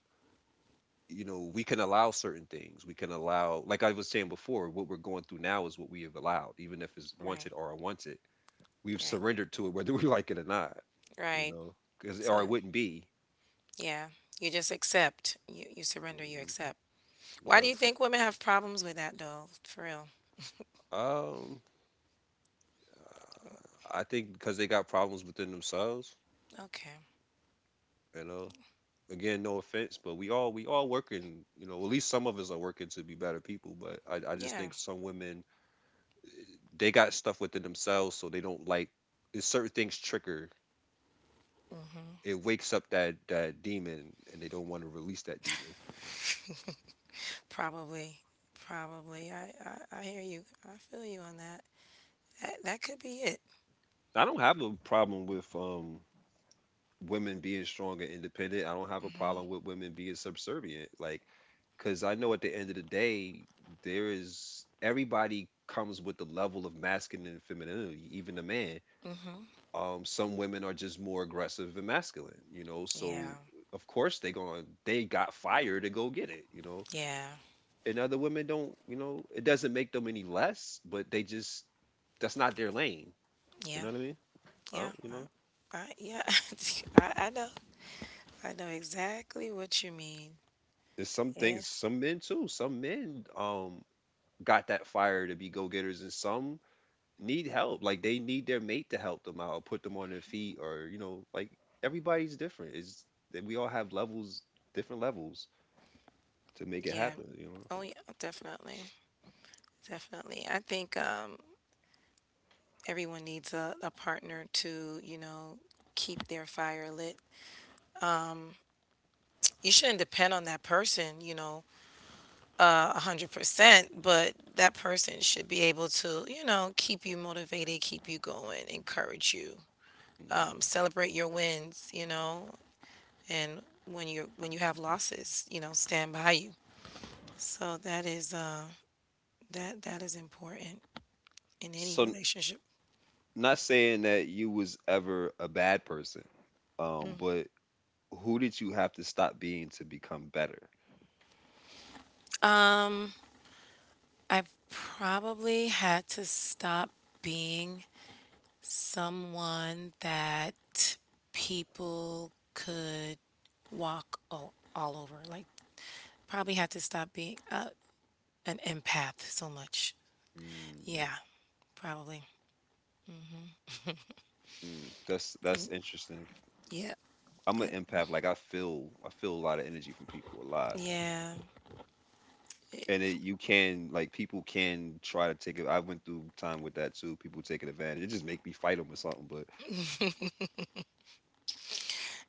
you know, we can allow certain things. We can allow, like I was saying before, what we're going through now is what we have allowed, even if it's right, wanted or unwanted. We've right, surrendered to it whether we like it or not, you right. know, because So or it wouldn't be. yeah, you just accept, you surrender, you Hmm. accept. Why do Yep. you think women have problems with that though for real? um I think because they got problems within themselves. Okay. You know, again, no offense, but we all working. You know, at least some of us are working to be better people. But I just Yeah, think some women, they got stuff within themselves, so they don't like. It's certain things trigger. It wakes up that demon, and they don't want to release that demon. probably, probably. I hear you. I feel you on that. That could be it. I don't have a problem with women being strong and independent. I don't have a problem with women being subservient. Like, because I know at the end of the day, there is everybody comes with the level of masculine and femininity, even a man. Hmm. Some women are just more aggressive and masculine, you know. So Yeah, of course they got fire to go get it, you know. yeah, And other women don't, you know. It doesn't make them any less, but they just, that's not their lane. You yeah, know what I mean? yeah. You know, I, yeah, I know. I know exactly what you mean. there's some Yeah, things. Some men too. Some men got that fire to be go getters, and some need help. Like they need their mate to help them out, or put them on their feet, or you know, like everybody's different. Is that we all have levels, different levels to make it yeah. happen. You know. Oh, yeah, definitely. Definitely. I think everyone needs a partner to, you know, keep their fire lit. You shouldn't depend on that person, you know, 100%, but that person should be able to, you know, keep you motivated, keep you going, encourage you, Mhm. celebrate your wins, you know, and when you have losses, you know, stand by you. So that is that is important in any So, relationship. not saying that you was ever a bad person, but who did you have to stop being to become better? Um, I probably had to stop being someone that people could walk all over. Like probably had to stop being an empath so much. Mm. Yeah. Probably. Mm, that's interesting. Yep. I'm an Yep. empath. Like I feel a lot of energy from people a lot, Yeah. and it, you can like people can try to take it. I went through time with that too. People taking advantage. It just make me fight them or something. But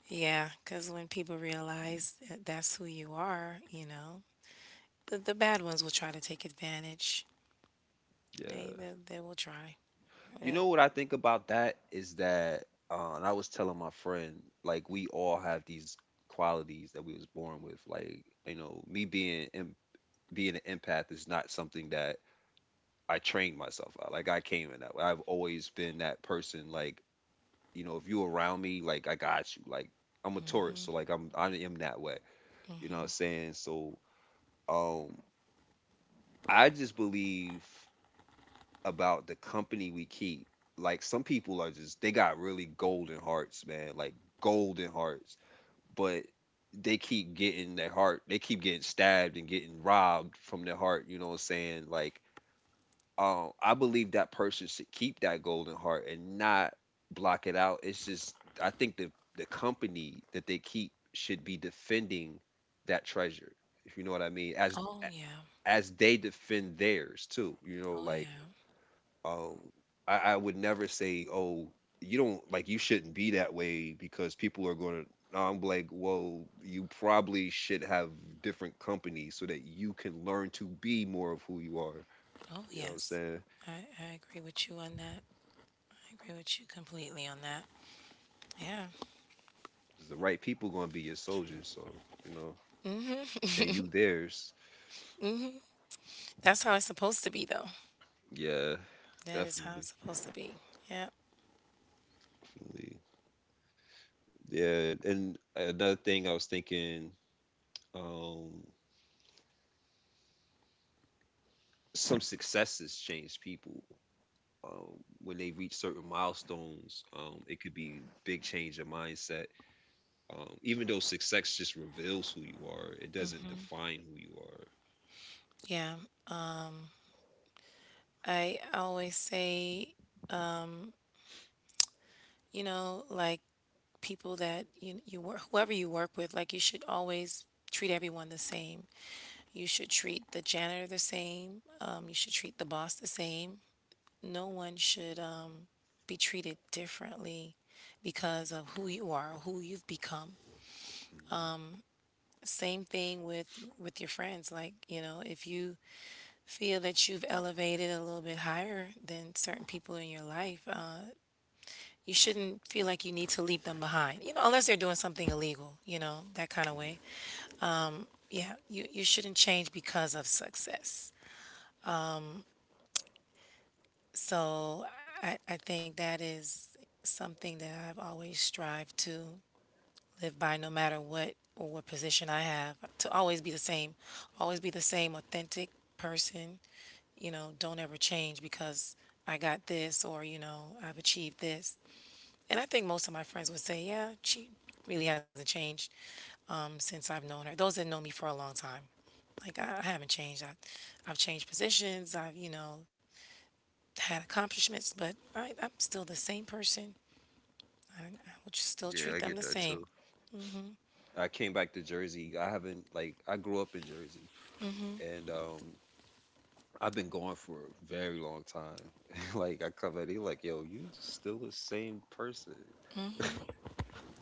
Yeah, cuz when people realize that that's who you are, you know, the bad ones will try to take advantage. Yeah, They will try. you They'll- know what I think about that is that, and I was telling my friend, like we all have these qualities that we was born with. Like, you know, being an empath is not something that I trained myself out. Like I came in that way. I've always been that person. Like, you know, if you around me, like I got you. Like I'm a Taurus, so like I am that way. You know what I'm saying? So, um, I just believe about the company we keep. Like some people are just they got really golden hearts, man. Like golden hearts, but they keep getting their heart. They keep getting stabbed and getting robbed from their heart. You know what I'm saying? Like, I believe that person should keep that golden heart and not block it out. It's just I think the company that they keep should be defending that treasure. If you know what I mean, oh yeah. as they defend theirs too. You know, Oh like yeah. um, I would never say, "Oh, you don't like you shouldn't be that way," because people are going to. No, I'm like, well, you probably should have different companies so that you can learn to be more of who you are. Oh You know what I'm yes. saying? I agree with you on that. I agree with you completely on that. Yeah. 'Cause the right people going to be your soldiers, so you know, and you theirs. That's how it's supposed to be though. Yeah, That is how definitely, it's supposed to be. Yeah. definitely. Yeah, and another thing I was thinking, um, some successes change people. When they reach certain milestones, it could be big change of mindset. Even though success just reveals who you are, it doesn't define who you are. Yeah. I always say, you know, like people that you work, whoever you work with, like you should always treat everyone the same. You should treat the janitor the same. You should treat the boss the same. No one should be treated differently because of who you are, who you've become. Hmm. Same thing with your friends. Like you know, if you feel that you've elevated a little bit higher than certain people in your life, you shouldn't feel like you need to leave them behind. You know, unless they're doing something illegal. You know, that kind of Hmm. way. Yeah, you shouldn't change because of success. So I think that is something that I've always strived to live by. No matter what or what position I have to always be the same, always be the same authentic person. You know, don't ever change because I got this or, you know, I've achieved this. And I think most of my friends would say, yeah, she really hasn't changed since I've known her. Those that know me for a long time. Like, I haven't changed. I've changed positions. I've, you know, had accomplishments, but I'm still the same person. I would just still treat Yeah, I them the get that same. too. I came back to Jersey. I haven't, like I grew up in Jersey, and I've been gone for a very long time. Like I come back, they like, "Yo, you still the same person.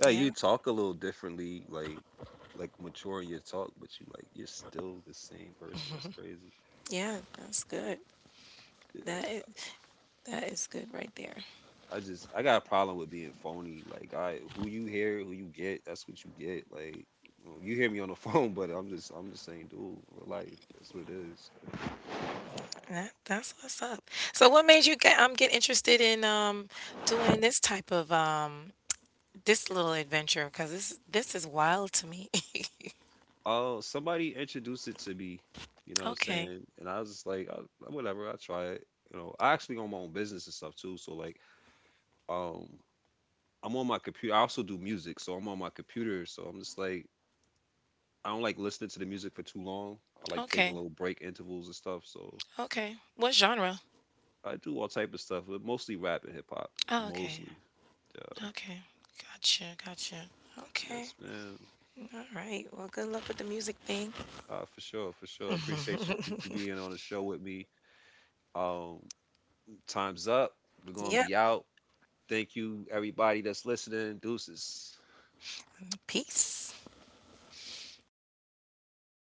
Yeah, Yeah. you talk a little differently, like mature in your talk, but you like you're still the same person. That's crazy." Yeah. That's good. That is, that is good right there. I just I got a problem with being phony. Like I who you hear, who you get, that's what you get. Like you hear me on the phone, but I'm just saying, dude, real life. That's what it is. That's what's up. So what made you get interested in doing this type of this little adventure? Because this is wild to me. Oh, somebody introduced it to me. You know what I'm Okay. saying? And I was just like, I, whatever, I try it. You know, I actually own my own business and stuff too. So like, um, I'm on my computer. I also do music, so I'm on my computer. So I'm just like, I don't like listening to the music for too long. I like taking Okay. little break intervals and stuff. So Okay. What genre? I do all type of stuff, but mostly rap and hip hop. Oh, okay. Mostly. Yeah. Okay. Gotcha. Gotcha. Okay. Yes, man. All right. Well, good luck with the music thing. For sure, for sure. Appreciate you being on the show with me. Um, time's up. We're gonna Yep. be out. Thank you, everybody that's listening. Deuces. Peace.